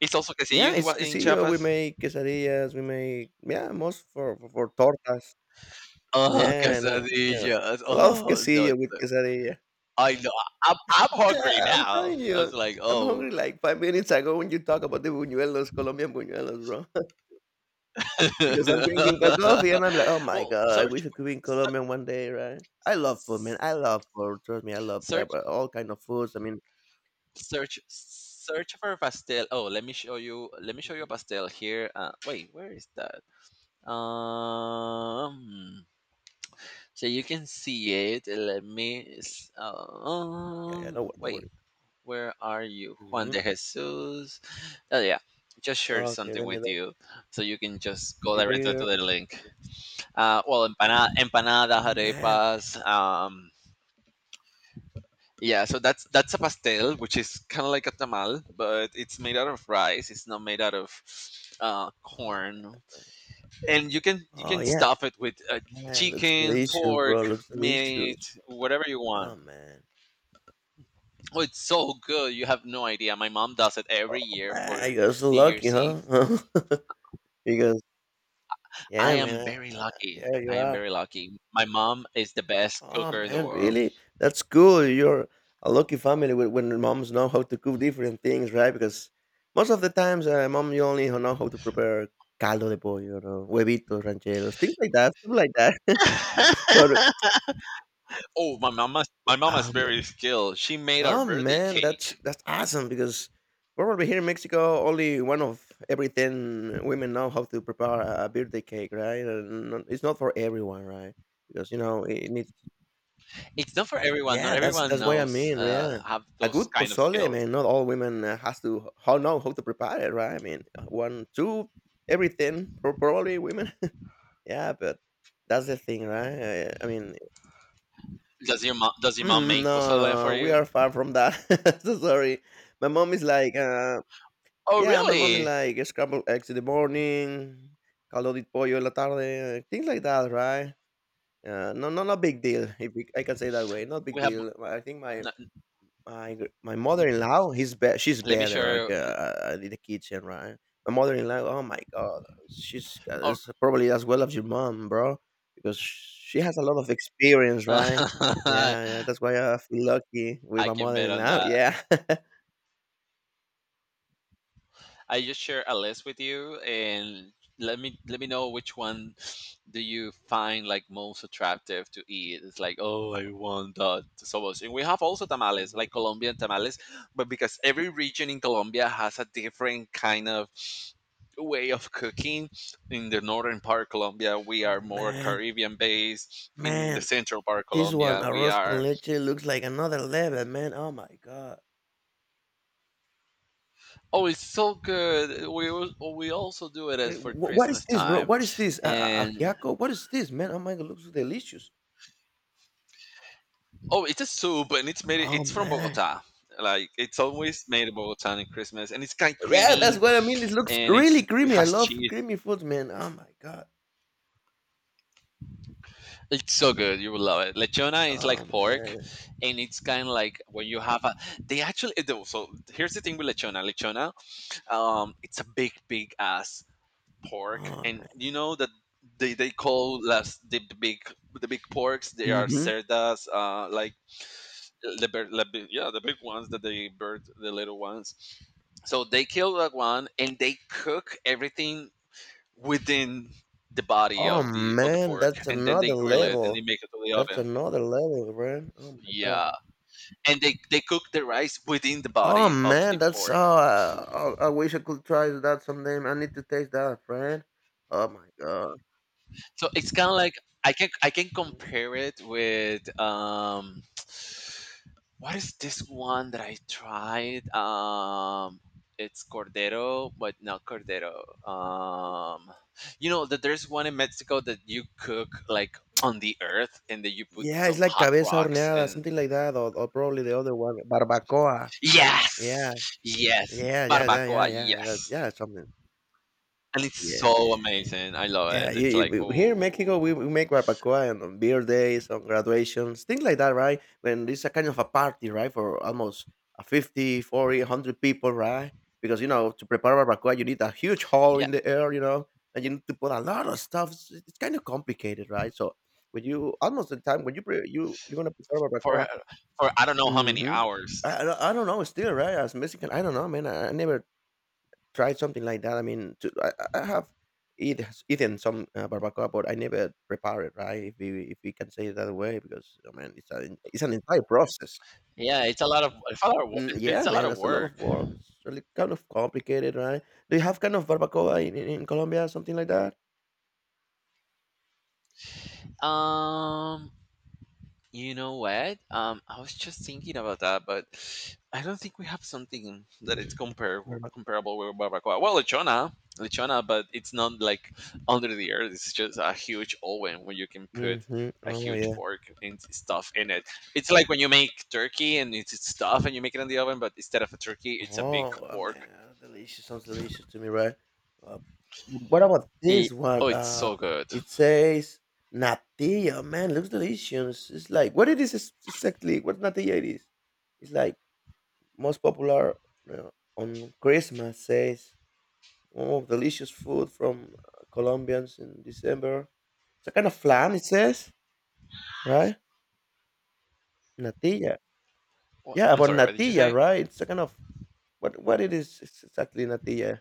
Speaker 1: it's also quesillo
Speaker 2: Yeah,
Speaker 1: in, Oa-
Speaker 2: it's
Speaker 1: in
Speaker 2: quesillo. We
Speaker 1: Chiapas.
Speaker 2: make quesadillas, we make yeah, most for tortas.
Speaker 1: Oh,
Speaker 2: Yeah, and, yeah.
Speaker 1: quesadillas.
Speaker 2: A lot of
Speaker 1: Oh no,
Speaker 2: quesillo with
Speaker 1: it's,
Speaker 2: quesadilla.
Speaker 1: I know. I'm
Speaker 2: Yeah,
Speaker 1: hungry
Speaker 2: I'm
Speaker 1: now.
Speaker 2: telling
Speaker 1: I was
Speaker 2: you,
Speaker 1: like,
Speaker 2: I'm hungry
Speaker 1: oh.
Speaker 2: like 5 minutes ago when you talk about the buñuelos, Colombian buñuelos, bro. Because I'm drinking a coffee and I'm like, oh my
Speaker 1: Well,
Speaker 2: God, I wish I could be in Colombia one day, right? I love food, man. I love food. Trust me, I love
Speaker 1: search,
Speaker 2: all kind of foods. I mean,
Speaker 1: search for pastel. Oh, let me show you. Let me show you a
Speaker 2: mhm.
Speaker 1: pastel here. Wait, where is that? Um. So you can see it. Let me.
Speaker 2: Yeah, yeah, no, no
Speaker 1: Wait,
Speaker 2: worries.
Speaker 1: where are you? Juan
Speaker 2: Hmm.
Speaker 1: de Jesus. Oh, yeah. Just share
Speaker 2: Okay,
Speaker 1: something
Speaker 2: let me
Speaker 1: with
Speaker 2: look.
Speaker 1: you so you can just go directly to
Speaker 2: Beer,
Speaker 1: the link. Well, empanada,
Speaker 2: man.
Speaker 1: arepas. Yeah, so that's a pastel, which is kind of like a tamal, but it's made out of rice. It's not made out of
Speaker 2: Oh,
Speaker 1: corn, and you
Speaker 2: oh,
Speaker 1: can
Speaker 2: yeah,
Speaker 1: stuff it with
Speaker 2: yeah, looks
Speaker 1: chicken,
Speaker 2: delicious, bro.
Speaker 1: pork,
Speaker 2: Looks
Speaker 1: meat,
Speaker 2: delicious.
Speaker 1: whatever you want.
Speaker 2: Oh, man.
Speaker 1: Oh, it's so good. You have no idea. My mom does it
Speaker 2: Oh,
Speaker 1: every year for
Speaker 2: man, you're so
Speaker 1: New
Speaker 2: lucky,
Speaker 1: Year's Eve.
Speaker 2: huh? Because,
Speaker 1: I
Speaker 2: yeah, man,
Speaker 1: am very lucky.
Speaker 2: yeah,
Speaker 1: I
Speaker 2: you
Speaker 1: am
Speaker 2: are.
Speaker 1: very lucky. My mom is the best
Speaker 2: Oh
Speaker 1: cooker in the
Speaker 2: man,
Speaker 1: world.
Speaker 2: really? That's cool. You're a lucky family when moms know how to cook different things, right? Because most of the times, mom, you only know how to prepare caldo de pollo, or huevitos rancheros, things like that, stuff like that. But
Speaker 1: Oh, my mama's
Speaker 2: um,
Speaker 1: very skilled. She made our
Speaker 2: oh
Speaker 1: birthday
Speaker 2: man,
Speaker 1: cake.
Speaker 2: that's awesome because probably here in Mexico, only one of every ten women know how to prepare a birthday cake, right? And it's not for everyone, right? Because you know it needs
Speaker 1: It's not for everyone. Not
Speaker 2: yeah,
Speaker 1: everyone
Speaker 2: that's what I
Speaker 1: knows
Speaker 2: mean, yeah.
Speaker 1: have
Speaker 2: A
Speaker 1: those
Speaker 2: good
Speaker 1: kind of
Speaker 2: pozole,
Speaker 1: skills.
Speaker 2: man, not all women has to how know how to prepare it, right? I mean, one, two, everything, probably women. Yeah, but that's the thing, right? I mean,
Speaker 1: Does your mom
Speaker 2: mm,
Speaker 1: make
Speaker 2: no,
Speaker 1: pozole for
Speaker 2: no, we
Speaker 1: you?
Speaker 2: are far from that. So sorry. My mom is like,
Speaker 1: Oh,
Speaker 2: yeah, my mom is
Speaker 1: really?
Speaker 2: like scrambled eggs in the morning, caldo de pollo en la tarde, things like that, right? No, no, not big deal. If we, I can say that way, not big
Speaker 1: We have.
Speaker 2: deal. I think my My gr my mother-in-law, he's be she's
Speaker 1: Let me
Speaker 2: better, like,
Speaker 1: share.
Speaker 2: in the kitchen, right? My mother-in-law, oh my god, she's
Speaker 1: Oh,
Speaker 2: is probably as well as your mom, bro, because she has a lot of experience, right? Yeah, yeah, that's why I feel lucky with
Speaker 1: I
Speaker 2: my
Speaker 1: can bet on
Speaker 2: mother-in-law,
Speaker 1: that.
Speaker 2: yeah.
Speaker 1: I just share a list with you and let me know which one do you find like most attractive to eat. It's like, oh, I
Speaker 2: Oh,
Speaker 1: want that so much. And we have also tamales,
Speaker 2: mhm.
Speaker 1: like Colombian tamales, but because every region in Colombia has a different kind of way of cooking. In the northern part of Colombia, we
Speaker 2: Oh,
Speaker 1: are more
Speaker 2: man,
Speaker 1: Caribbean based. In the
Speaker 2: man,
Speaker 1: central part of
Speaker 2: this one,
Speaker 1: Colombia, we
Speaker 2: arroz con
Speaker 1: are
Speaker 2: leche, looks like another level, man, oh my god.
Speaker 1: oh, it's so good. We also do it
Speaker 2: Eh,
Speaker 1: as for
Speaker 2: wh what is
Speaker 1: Christmas
Speaker 2: this, bro?
Speaker 1: time,
Speaker 2: What is this? A
Speaker 1: and
Speaker 2: ajiaco? What is this, man? Oh my god, looks delicious.
Speaker 1: oh, it's a soup, and it's made.
Speaker 2: Oh,
Speaker 1: It's from
Speaker 2: man.
Speaker 1: Bogota. Like it's always made in Bogota in Christmas, and it's kind of
Speaker 2: Yeah, that's
Speaker 1: creamy,
Speaker 2: what I mean. It looks
Speaker 1: and
Speaker 2: really
Speaker 1: it
Speaker 2: creamy. I
Speaker 1: has
Speaker 2: love
Speaker 1: cheese.
Speaker 2: creamy foods, man. Oh my god.
Speaker 1: It's so good. You will love it. Lechona is like
Speaker 2: Oh
Speaker 1: pork,
Speaker 2: man.
Speaker 1: and it's kind of like when you have a. They actually do. So here's the thing with lechona. Lechona, it's a big, big ass pork,
Speaker 2: Oh.
Speaker 1: and you know that they call the big porks. They are
Speaker 2: Mhm.
Speaker 1: cerdas, like the bird, yeah, the big ones that they bird the little ones. So they kill that one and they cook everything within the body
Speaker 2: Oh
Speaker 1: of the
Speaker 2: man,
Speaker 1: pork
Speaker 2: that's
Speaker 1: and then they
Speaker 2: another
Speaker 1: grill it and they
Speaker 2: level.
Speaker 1: make it to the
Speaker 2: That's
Speaker 1: oven.
Speaker 2: another level, man. Oh my god.
Speaker 1: Yeah. And they cook the rice within the
Speaker 2: Oh
Speaker 1: body of the
Speaker 2: man, that's
Speaker 1: pork.
Speaker 2: uh oh, I wish I could try that someday. I need to taste that, friend. Oh my god.
Speaker 1: So it's kinda like I can compare it with what is this one that I tried? It's Cordero, but not Cordero. You know that there's one in Mexico that you cook like on the earth, and then you put
Speaker 2: Yeah, it's
Speaker 1: some
Speaker 2: like
Speaker 1: hot
Speaker 2: cabeza
Speaker 1: rocks
Speaker 2: horneada,
Speaker 1: and
Speaker 2: something like that, or probably the other one, barbacoa.
Speaker 1: yes,
Speaker 2: Yeah,
Speaker 1: yes,
Speaker 2: yeah, yeah, yeah, yeah,
Speaker 1: barbacoa,
Speaker 2: yeah, that,
Speaker 1: yes,
Speaker 2: yeah, something
Speaker 1: and it's
Speaker 2: yeah,
Speaker 1: so
Speaker 2: man, man.
Speaker 1: amazing. I love
Speaker 2: Yeah,
Speaker 1: it. It's like
Speaker 2: here in Mexico,
Speaker 1: oh
Speaker 2: we make barbacoa and on beer days, on graduations, things like that, right? When it's a kind of a party, right, for almost 50, 40, 100 people, right? Because, you know, to prepare barbacoa, you need a huge hall
Speaker 1: yeah,
Speaker 2: in the air, you know, and you need to put a lot of stuff. It's kind of complicated, right? So when you, almost the time, when you, you're going to prepare
Speaker 1: for
Speaker 2: barbacoa,
Speaker 1: for I don't know how many
Speaker 2: hmm.
Speaker 1: hours.
Speaker 2: I don't know, still, right? As Mexican, I don't know, man. I never tried something like that. I mean, to, I have eat, eaten some barbacoa, but I never prepare it, right? If we can say it that way, because I mean, it's a, it's an entire process.
Speaker 1: Yeah, it's a lot of,
Speaker 2: Mm, yeah,
Speaker 1: it's a lot
Speaker 2: man,
Speaker 1: of
Speaker 2: it's a lot of
Speaker 1: work.
Speaker 2: work. It's really kind of complicated, right? Do you have kind of barbacoa in Colombia, something like that?
Speaker 1: Um, You know what? I was just thinking about that, but I don't think we have something that it's comparable with barbacoa. Well, lechona, but it's not like under the earth. It's just a huge oven where you can put
Speaker 2: Mm-hmm.
Speaker 1: a
Speaker 2: Oh
Speaker 1: huge
Speaker 2: yeah.
Speaker 1: pork and stuff in it. It's like when you make turkey and it's stuff and you make it in the oven, but instead of a turkey, it's a big
Speaker 2: Oh,
Speaker 1: pork.
Speaker 2: man, delicious. Sounds delicious to me, right? Uh, what about
Speaker 1: Y-
Speaker 2: this
Speaker 1: Oh,
Speaker 2: one?
Speaker 1: it's so good.
Speaker 2: It says natilla. Man, looks delicious. It's like what it is exactly? What natilla it is? It's like most popular uh, on Christmas. Says oh, delicious food from Colombians in December. It's a kind of flan. It says right natilla. Yeah,
Speaker 1: I'm
Speaker 2: about
Speaker 1: sorry. What did you say?
Speaker 2: natilla, right? It's a kind of what it is exactly natilla.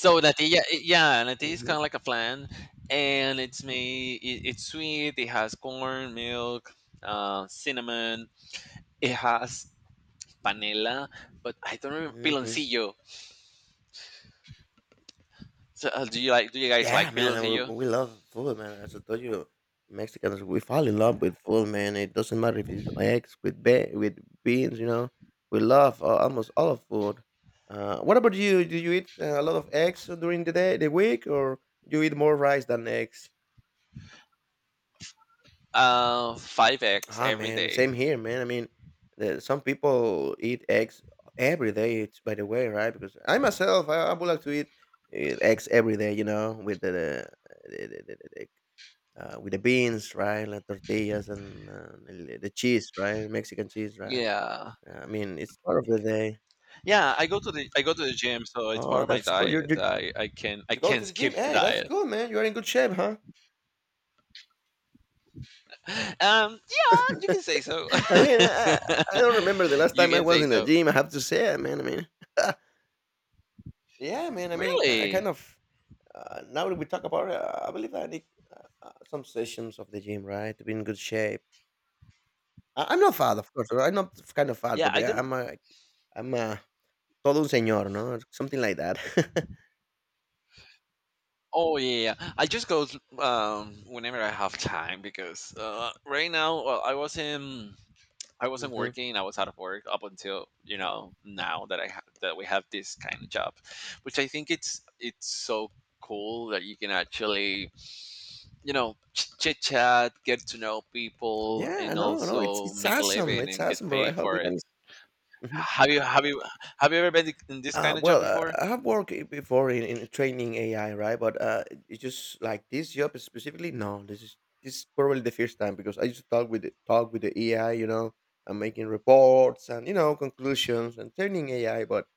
Speaker 1: So natilla yeah, natilla is kind
Speaker 2: Mm-hmm.
Speaker 1: of like a flan, and it's sweet. It has corn, milk, cinnamon. It has panela, but I don't remember
Speaker 2: Hmm.
Speaker 1: piloncillo. So do you like do you guys
Speaker 2: Yeah,
Speaker 1: like
Speaker 2: man, and
Speaker 1: piloncillo?
Speaker 2: we love food, man. As I told you, Mexicans we fall in love with food, man. It doesn't matter if it's eggs with with beans, you know. We love almost all of food. What about you? Do you eat a lot of eggs during the day, the week, or you eat more rice than eggs?
Speaker 1: Uh 5x eggs
Speaker 2: Ah,
Speaker 1: every
Speaker 2: man,
Speaker 1: day.
Speaker 2: same here, man. I mean, some people eat eggs every day. It's by the way, right? Because I myself, I would like to eat eggs every day, you know, with the with the beans, right? Like tortillas and the cheese, right? Mexican cheese, right?
Speaker 1: Yeah,
Speaker 2: I mean, it's part of the day.
Speaker 1: yeah, I go to the gym, so it's part
Speaker 2: Oh,
Speaker 1: of my
Speaker 2: that's cool.
Speaker 1: diet. I
Speaker 2: You go
Speaker 1: can
Speaker 2: to
Speaker 1: not
Speaker 2: the
Speaker 1: skip
Speaker 2: gym?
Speaker 1: the
Speaker 2: Hey, that's
Speaker 1: diet.
Speaker 2: cool, man. You are in good shape, huh?
Speaker 1: Yeah, you can say so.
Speaker 2: I mean, I don't remember the last
Speaker 1: You
Speaker 2: time I
Speaker 1: can
Speaker 2: was
Speaker 1: say
Speaker 2: in the
Speaker 1: so.
Speaker 2: gym. I have to say, I mean, yeah, man. I mean, I kind
Speaker 1: Really?
Speaker 2: of now that we talk about it, I believe I need some sessions of the gym, right, to be in good shape. I'm not fat, of course. I'm not kind of fat,
Speaker 1: Yeah,
Speaker 2: but
Speaker 1: I
Speaker 2: yeah,
Speaker 1: didn't.
Speaker 2: I'm a todo un señor, no, something like that.
Speaker 1: Oh yeah, yeah, yeah. I just go whenever I have time, because right now, well, I wasn't
Speaker 2: hmm
Speaker 1: working. I was out of work up until you know now that that we have this kind of job, which I think it's so cool that you can actually, you know, chit chat, get to know people,
Speaker 2: Yeah,
Speaker 1: and
Speaker 2: no, no, it's
Speaker 1: also
Speaker 2: it's
Speaker 1: make a
Speaker 2: awesome.
Speaker 1: living
Speaker 2: It's
Speaker 1: and get
Speaker 2: awesome, bro. I
Speaker 1: paid
Speaker 2: hope
Speaker 1: for
Speaker 2: we can.
Speaker 1: it.
Speaker 2: Mhm.
Speaker 1: Have you have you have you ever been in this kind of job
Speaker 2: Well,
Speaker 1: before?
Speaker 2: I have worked before in training AI, right? But it's just like this job specifically. No, this is probably the first time because I used to talk with talk with the AI, you know, and making reports and you know conclusions and training AI. But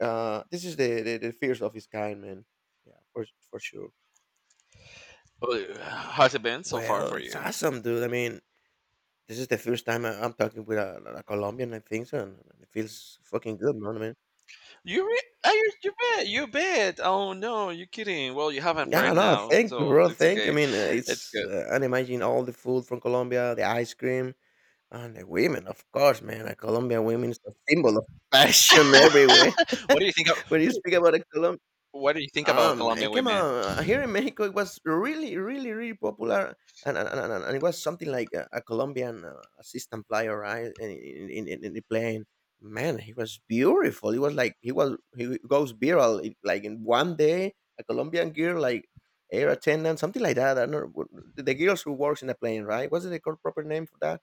Speaker 2: this is the first of its kind, man. Yeah, for sure.
Speaker 1: How's it been so far
Speaker 2: Well,
Speaker 1: for
Speaker 2: it's
Speaker 1: you?
Speaker 2: awesome, dude. I mean, this is the first time I'm talking with a Colombian, I think so, and it feels fucking good, man. I mean,
Speaker 1: You re- are you, you bet, you bet. Oh no, you're kidding. Well, you have a
Speaker 2: yeah,
Speaker 1: friend
Speaker 2: no,
Speaker 1: now,
Speaker 2: thank you,
Speaker 1: so
Speaker 2: bro.
Speaker 1: it's
Speaker 2: Thank you. I
Speaker 1: okay.
Speaker 2: mean,
Speaker 1: It's
Speaker 2: it's
Speaker 1: good.
Speaker 2: and imagine all the food from Colombia, the ice cream, and the women, of course, man. A Colombian women is a symbol of passion everywhere.
Speaker 1: What do you think? Of,
Speaker 2: When
Speaker 1: what,
Speaker 2: you
Speaker 1: do
Speaker 2: speak
Speaker 1: you,
Speaker 2: about a Colombian.
Speaker 1: What do you think
Speaker 2: Ah,
Speaker 1: about
Speaker 2: man,
Speaker 1: Colombian
Speaker 2: come
Speaker 1: women?
Speaker 2: on. Here in Mexico, it was really, really, really popular. And it was something like a Colombian assistant flyer, right? In the plane. Man, he was beautiful. He was like, he was, he goes viral. It, like in one day, a Colombian girl, like air attendant, something like that. I don't know. The girls who works in the plane, right? What's the proper name for that?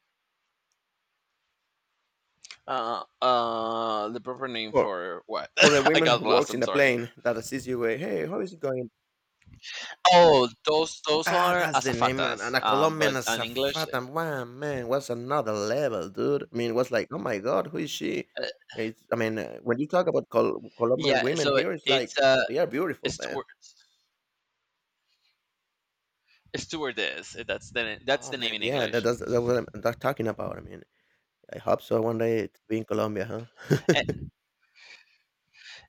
Speaker 1: The proper name
Speaker 2: For,
Speaker 1: for what?
Speaker 2: for the
Speaker 1: I
Speaker 2: women
Speaker 1: got
Speaker 2: who
Speaker 1: lost.
Speaker 2: works in
Speaker 1: I'm
Speaker 2: the
Speaker 1: sorry.
Speaker 2: plane that assist you. Eh, hey, how is it going?
Speaker 1: Oh, those
Speaker 2: Ah,
Speaker 1: are
Speaker 2: that's the name, and
Speaker 1: azafatas.
Speaker 2: a
Speaker 1: But
Speaker 2: Colombian as
Speaker 1: in
Speaker 2: a
Speaker 1: English,
Speaker 2: fat and wow, man, was another level, dude. I mean, it was like, oh my god, who is she?
Speaker 1: uh,
Speaker 2: It's, I mean, when you talk about Colombian
Speaker 1: yeah.
Speaker 2: women here, it's
Speaker 1: It's
Speaker 2: like they are beautiful, man.
Speaker 1: steward, stewardess. That's the
Speaker 2: Oh
Speaker 1: name
Speaker 2: man,
Speaker 1: in
Speaker 2: yeah,
Speaker 1: English.
Speaker 2: that's what I'm that's talking about. I mean, I hope so one day to be in Colombia, huh?
Speaker 1: A-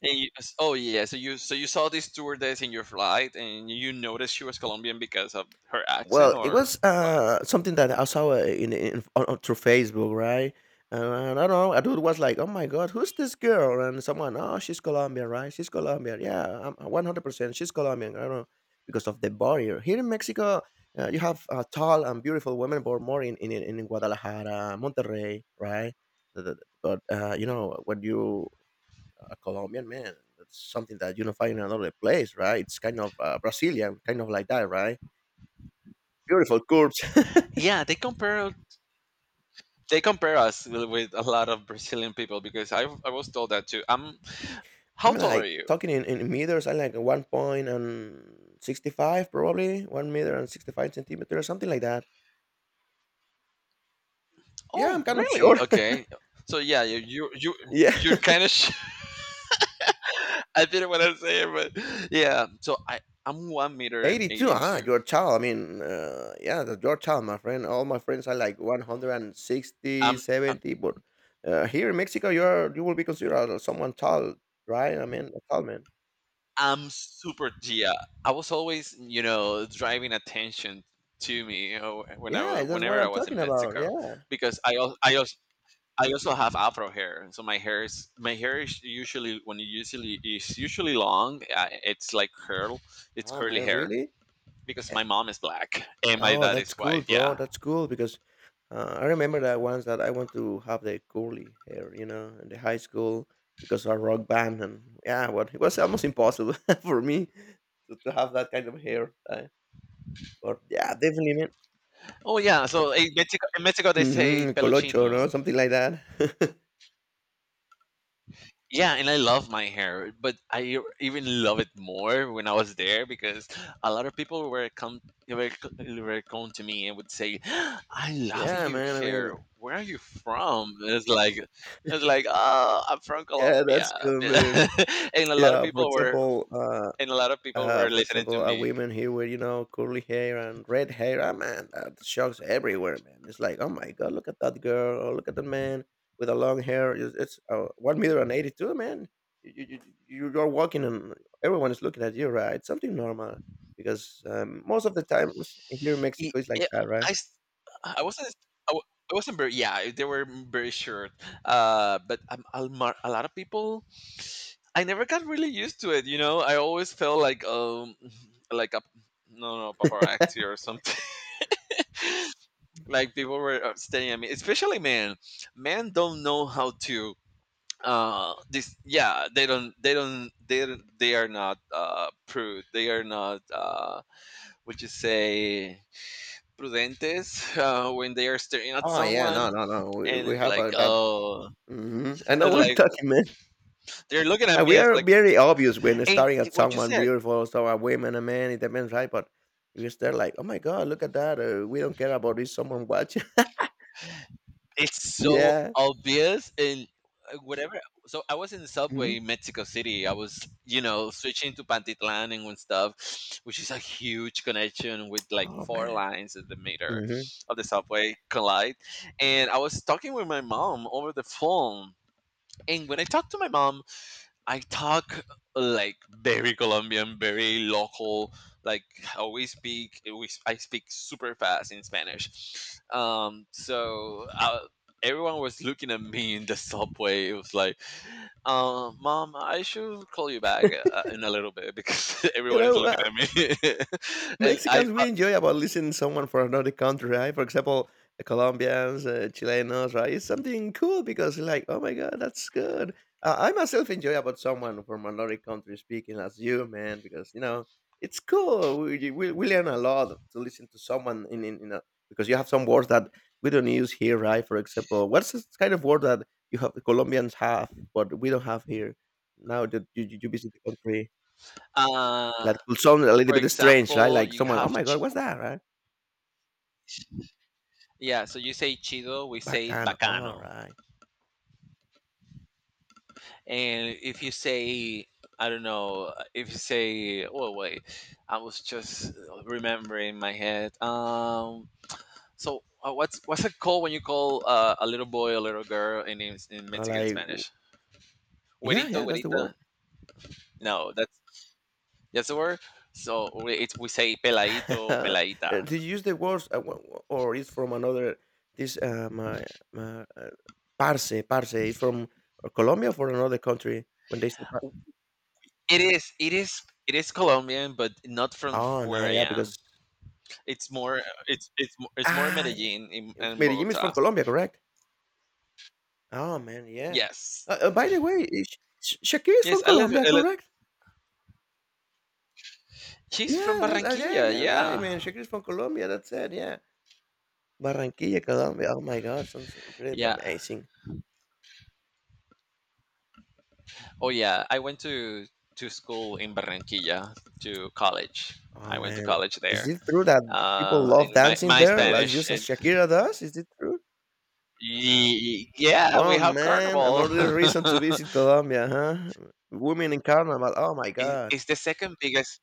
Speaker 1: And you, oh yeah, so you saw this stewardess in your flight, and you noticed she was Colombian because of her accent,
Speaker 2: Well, it
Speaker 1: or
Speaker 2: was
Speaker 1: what?
Speaker 2: something that I saw on through Facebook, right? And I don't know, a dude was like, "Oh my God, who's this girl?" And someone, "Oh, she's Colombian, right? She's Colombian. Yeah, I'm 100%. She's Colombian." I don't know because of the barrier here in Mexico. You have tall and beautiful women, but more in Guadalajara, Monterrey, right? The- the- But you know, when you a Colombian man, that's something that you don't find in another place, right? It's kind of Brazilian, kind of like that, right? Beautiful curves.
Speaker 1: Yeah, they compare us with a lot of Brazilian people because I was told that too. How
Speaker 2: I'm
Speaker 1: tall are
Speaker 2: like
Speaker 1: you?
Speaker 2: talking in meters. I like 1.65, probably 1 meter and 65 centimeter or something like that. Yeah,
Speaker 1: Oh,
Speaker 2: I'm kind of
Speaker 1: really?
Speaker 2: sure.
Speaker 1: Okay. So yeah, you
Speaker 2: Yeah,
Speaker 1: you're kind of. I didn't want to say it, but yeah. So I'm one meter and
Speaker 2: eighty two.
Speaker 1: eighty
Speaker 2: Ah,
Speaker 1: two.
Speaker 2: your child. I mean, yeah, that's your child, my friend. All my friends are like one hundred and sixty
Speaker 1: Um.
Speaker 2: 70, but here in Mexico, you will be considered someone tall, right? I mean, a tall man.
Speaker 1: I'm super Gia. I was always, you know, driving attention to me, you know,
Speaker 2: Yeah, that's what
Speaker 1: whenever I
Speaker 2: I'm
Speaker 1: was in
Speaker 2: talking about.
Speaker 1: Mexico,
Speaker 2: Yeah.
Speaker 1: because I also have afro hair, so my hair is usually, when it usually is usually long. It's like it's
Speaker 2: Oh
Speaker 1: curly
Speaker 2: man,
Speaker 1: hair
Speaker 2: really?
Speaker 1: because my mom is black and my
Speaker 2: Oh,
Speaker 1: dad
Speaker 2: that's
Speaker 1: is
Speaker 2: cool,
Speaker 1: white.
Speaker 2: bro.
Speaker 1: Yeah.
Speaker 2: That's cool because I remember that once that I want to have the curly hair, you know, in the high school because our rock band and yeah, what it was almost impossible for me to have that kind of hair. But yeah, definitely, man.
Speaker 1: Oh yeah. So in Mexico they say
Speaker 2: Mm-hmm, colocho, no,
Speaker 1: peluchino.
Speaker 2: something like that.
Speaker 1: Yeah, and I love my hair, but I even love it more when I was there because a lot of people were, were come to me and would say, "I love
Speaker 2: Yeah,
Speaker 1: your
Speaker 2: man. I
Speaker 1: hair.
Speaker 2: mean,
Speaker 1: Where are you from?" And it's like, "Oh, I'm from
Speaker 2: yeah,
Speaker 1: Colombia,"
Speaker 2: that's cool, man.
Speaker 1: and a lot of
Speaker 2: Yeah, for
Speaker 1: people were
Speaker 2: example, uh.
Speaker 1: and a lot of people were
Speaker 2: For
Speaker 1: listening to
Speaker 2: example, a
Speaker 1: me.
Speaker 2: woman here with you know curly hair and red hair. Ah, man, that shocks everywhere, man. It's like, oh my god, look at that girl, or look at the man with a long hair. It's 1.82 m, man. You you you- you're walking and everyone is looking at you, right? It's something normal because most of the times here in Mexico it's like
Speaker 1: Yeah,
Speaker 2: that, right?
Speaker 1: I s- I wasn't. I wa- I wasn't very, yeah, they were very short. But a lot of people I never got really used to it. You know, I always felt like like a no no paparazzi or something. Like people were staring at me, especially men. Men don't know how to this yeah they don't they don't they don't- they are not prude, they are not would you say prudentes when they are staring at
Speaker 2: Oh yeah, no,
Speaker 1: someone,
Speaker 2: no, no.
Speaker 1: and
Speaker 2: We
Speaker 1: it's
Speaker 2: have
Speaker 1: like,
Speaker 2: that.
Speaker 1: oh,
Speaker 2: Hmm, I know
Speaker 1: it's
Speaker 2: what you're
Speaker 1: like
Speaker 2: talking, man.
Speaker 1: they're looking at me,
Speaker 2: And we
Speaker 1: it's
Speaker 2: are
Speaker 1: like,
Speaker 2: very obvious when
Speaker 1: and
Speaker 2: staring at
Speaker 1: what you
Speaker 2: someone
Speaker 1: said,
Speaker 2: beautiful, so a woman, a man, it depends, right? But you stare like, oh my god, look at that. We don't care about this. Someone watching.
Speaker 1: it's so
Speaker 2: Yeah.
Speaker 1: obvious, and whatever. So I was in the
Speaker 2: Hmm.
Speaker 1: subway in Mexico City. I was, you know, switching to Pantitlan and stuff, which is a huge connection with like
Speaker 2: Oh
Speaker 1: four
Speaker 2: man.
Speaker 1: lines at the meter
Speaker 2: Hmm.
Speaker 1: of the subway collide. And I was talking with my mom over the phone. And when I talked to my mom, I talk like very Colombian, very local. Like how we speak, I speak super fast in Spanish. So everyone was looking at me in the subway. It was like, "Mom, I should call you back in a little bit because
Speaker 2: You
Speaker 1: everyone is
Speaker 2: know,
Speaker 1: looking
Speaker 2: I,
Speaker 1: at me." and I,
Speaker 2: Mexicans, we enjoy about listening to someone from another country, right? For example, Colombians, Chilenos, right? It's something cool because like, oh my god, that's good. I myself enjoy about someone from another country speaking as you, man, because you know it's cool. We learn a lot to listen to someone in a, because you have some words that we don't use here, right? For example, what's this kind of word that you have Colombians have, but we don't have here? Now that you visit the country.
Speaker 1: uh,
Speaker 2: That could sound a little
Speaker 1: for
Speaker 2: bit strange, right?
Speaker 1: example,
Speaker 2: Like someone, "Oh my god, what's that?" Right?
Speaker 1: yeah. So you say chido, we say
Speaker 2: Bacán,
Speaker 1: bacano.
Speaker 2: alright.
Speaker 1: And if you say, I don't know, if you say, oh wait, I was just remembering in my head. What's it called when you call a little boy, a little girl in in
Speaker 2: Or
Speaker 1: Mexican
Speaker 2: like w
Speaker 1: Spanish?
Speaker 2: yeah,
Speaker 1: Güerito,
Speaker 2: yeah, that's the word.
Speaker 1: güerita. No, that's the word. So we say peladito, peladita.
Speaker 2: Do you use the words w w or is from another this, uh, my my, uh, parce is from Colombia or from another country when they say par.
Speaker 1: It is, it is, it is Colombian, but not from
Speaker 2: Oh,
Speaker 1: where
Speaker 2: no,
Speaker 1: I
Speaker 2: yeah,
Speaker 1: am.
Speaker 2: because
Speaker 1: It's more, it's more
Speaker 2: ah, yeah.
Speaker 1: Medellin in,
Speaker 2: If
Speaker 1: and
Speaker 2: Medellín is
Speaker 1: Bogota.
Speaker 2: from Colombia, correct? Oh, man, yeah.
Speaker 1: Yes.
Speaker 2: By the way, Shakira is
Speaker 1: Yes,
Speaker 2: from Colombia,
Speaker 1: I live
Speaker 2: correct?
Speaker 1: She's from
Speaker 2: Yeah, that yeah,
Speaker 1: Barranquilla.
Speaker 2: you right,
Speaker 1: Yeah.
Speaker 2: man. Shakira is from Colombia, that's it, yeah. Barranquilla, Colombia. Oh my god, sounds incredible,
Speaker 1: Yeah.
Speaker 2: amazing.
Speaker 1: Oh yeah. I went to school in Barranquilla, to college.
Speaker 2: Oh
Speaker 1: I went to
Speaker 2: man,
Speaker 1: college
Speaker 2: is
Speaker 1: there.
Speaker 2: it true that people
Speaker 1: And
Speaker 2: love
Speaker 1: my
Speaker 2: dancing
Speaker 1: my
Speaker 2: there as
Speaker 1: Spanish
Speaker 2: just as
Speaker 1: and
Speaker 2: Shakira does? Is it true?
Speaker 1: yeah, we
Speaker 2: Oh
Speaker 1: have
Speaker 2: man,
Speaker 1: carnival.
Speaker 2: another reason to visit Colombia, huh? Women in carnival. Oh my god.
Speaker 1: It's the second biggest.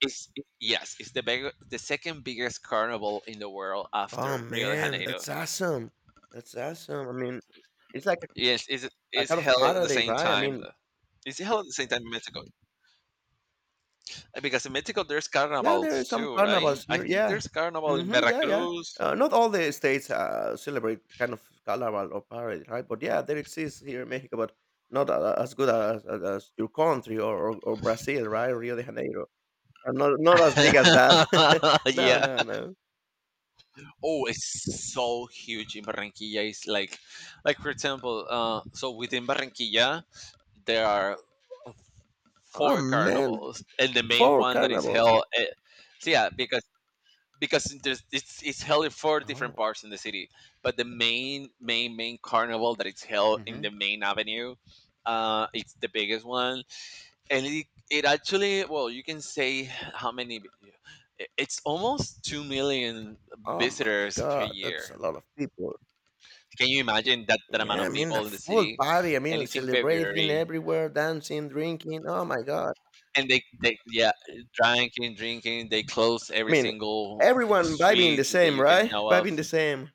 Speaker 1: It's Yes, the second biggest carnival in the world
Speaker 2: Oh
Speaker 1: after Rio de
Speaker 2: man,
Speaker 1: Janeiro.
Speaker 2: that's awesome. That's awesome. I mean, it's like
Speaker 1: Yes,
Speaker 2: a
Speaker 1: it's
Speaker 2: kind of
Speaker 1: held at the
Speaker 2: paradise,
Speaker 1: same
Speaker 2: right? I
Speaker 1: time.
Speaker 2: mean,
Speaker 1: It's held at the same time in Mexico. Because in Mexico there's
Speaker 2: yeah, there are
Speaker 1: carnivals
Speaker 2: some
Speaker 1: too, right?
Speaker 2: carnivals
Speaker 1: I
Speaker 2: here.
Speaker 1: think
Speaker 2: Yeah.
Speaker 1: there's carnival in
Speaker 2: Hmm, yeah, yeah.
Speaker 1: Veracruz.
Speaker 2: Not all the states celebrate kind of carnival or parade, right? But yeah, there exists here in Mexico, but not a- as good as your country or Brazil, right? Rio de Janeiro. Not, not as big as that. No,
Speaker 1: Yeah.
Speaker 2: no, no.
Speaker 1: Oh, it's so huge in Barranquilla. It's like for example, so within Barranquilla there are
Speaker 2: Oh,
Speaker 1: four
Speaker 2: man.
Speaker 1: carnivals, and the main
Speaker 2: Four
Speaker 1: one that is
Speaker 2: carnivals.
Speaker 1: held. So yeah, because it's held in four different
Speaker 2: Oh,
Speaker 1: parts in the city, but the main carnival that is held in the
Speaker 2: hmm,
Speaker 1: main avenue, it's the biggest one, and it actually, well, you can say how many it's almost 2 million
Speaker 2: oh my
Speaker 1: visitors per
Speaker 2: God. That's a
Speaker 1: year.
Speaker 2: lot of people.
Speaker 1: Can you imagine that, that amount
Speaker 2: Yeah,
Speaker 1: of
Speaker 2: I mean, a
Speaker 1: people in the
Speaker 2: full
Speaker 1: city?
Speaker 2: party. I
Speaker 1: And
Speaker 2: mean,
Speaker 1: it's in
Speaker 2: celebrating
Speaker 1: February,
Speaker 2: everywhere, dancing, drinking. Oh my God.
Speaker 1: and they, yeah, drinking, they close
Speaker 2: I
Speaker 1: every
Speaker 2: mean,
Speaker 1: single
Speaker 2: everyone vibing
Speaker 1: street
Speaker 2: the
Speaker 1: that
Speaker 2: same,
Speaker 1: you can
Speaker 2: right?
Speaker 1: know
Speaker 2: Vibing
Speaker 1: of.
Speaker 2: the same.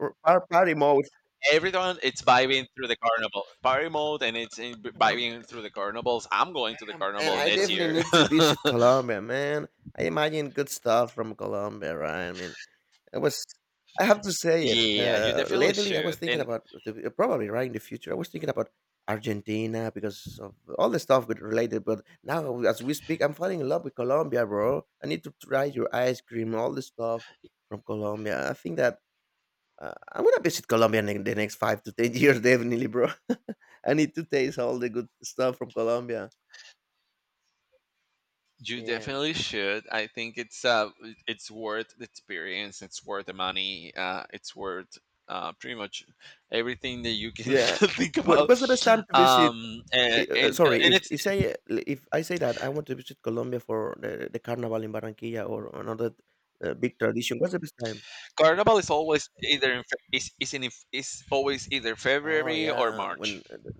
Speaker 2: Party mode.
Speaker 1: Everyone, it's vibing through the carnival, party mode, and it's in,
Speaker 2: Um,
Speaker 1: vibing through the carnivals. I'm going to the
Speaker 2: yeah, man,
Speaker 1: carnival
Speaker 2: I
Speaker 1: next
Speaker 2: definitely
Speaker 1: year.
Speaker 2: need to visit Colombia, man. I imagine good stuff from Colombia, right? I mean, I was. I have to say it.
Speaker 1: Yeah, you definitely
Speaker 2: Lately, I was
Speaker 1: should,
Speaker 2: thinking
Speaker 1: and
Speaker 2: about probably right in the future. I was thinking about Argentina because of all the stuff related. But now, as we speak, I'm falling in love with Colombia, bro. I need to try your ice cream, all the stuff from Colombia. I think that I'm gonna visit Colombia in the next 5 to 10 years, definitely, bro. I need to taste all the good stuff from Colombia.
Speaker 1: you
Speaker 2: Yeah, man.
Speaker 1: definitely should. I think it's worth the experience. It's worth the money. It's worth pretty much everything that you can
Speaker 2: Yeah.
Speaker 1: think
Speaker 2: What
Speaker 1: about.
Speaker 2: what's the best time to visit? Sorry,
Speaker 1: And
Speaker 2: if
Speaker 1: it's
Speaker 2: you say if I say that I want to visit Colombia for the carnival in Barranquilla or another big tradition, what's the best time?
Speaker 1: Carnival is always either in, is always either
Speaker 2: Oh
Speaker 1: February or
Speaker 2: yeah,
Speaker 1: March,
Speaker 2: when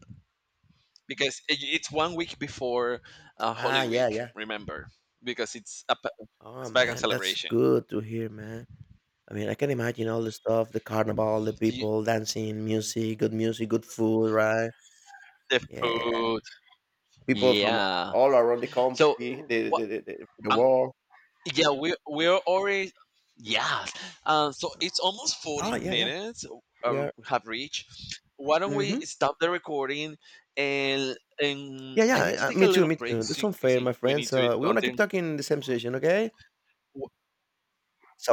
Speaker 1: because it's 1 week before Holy
Speaker 2: ah yeah
Speaker 1: Week.
Speaker 2: yeah.
Speaker 1: Remember, because it's a
Speaker 2: Oh
Speaker 1: it's back on
Speaker 2: man, that's
Speaker 1: celebration.
Speaker 2: good to hear, man. I mean, I can imagine all the stuff, the carnival, the
Speaker 1: So you-
Speaker 2: people dancing, music, good food, right?
Speaker 1: the
Speaker 2: Yeah,
Speaker 1: food,
Speaker 2: people from
Speaker 1: yeah.
Speaker 2: all around the
Speaker 1: So
Speaker 2: country,
Speaker 1: what?
Speaker 2: the world.
Speaker 1: Yeah, we we're already, yeah, so it's almost 40
Speaker 2: Ah, yeah, yeah.
Speaker 1: minutes
Speaker 2: We are
Speaker 1: have reached. Why don't we
Speaker 2: mhm.
Speaker 1: stop the recording, and
Speaker 2: Yeah,
Speaker 1: I need to
Speaker 2: yeah,
Speaker 1: take a
Speaker 2: me too,
Speaker 1: little
Speaker 2: me
Speaker 1: break,
Speaker 2: too. That's
Speaker 1: because
Speaker 2: unfair, my
Speaker 1: we need
Speaker 2: friends,
Speaker 1: to eat
Speaker 2: we wanna keep
Speaker 1: something.
Speaker 2: talking in the same session, okay?
Speaker 1: Wh-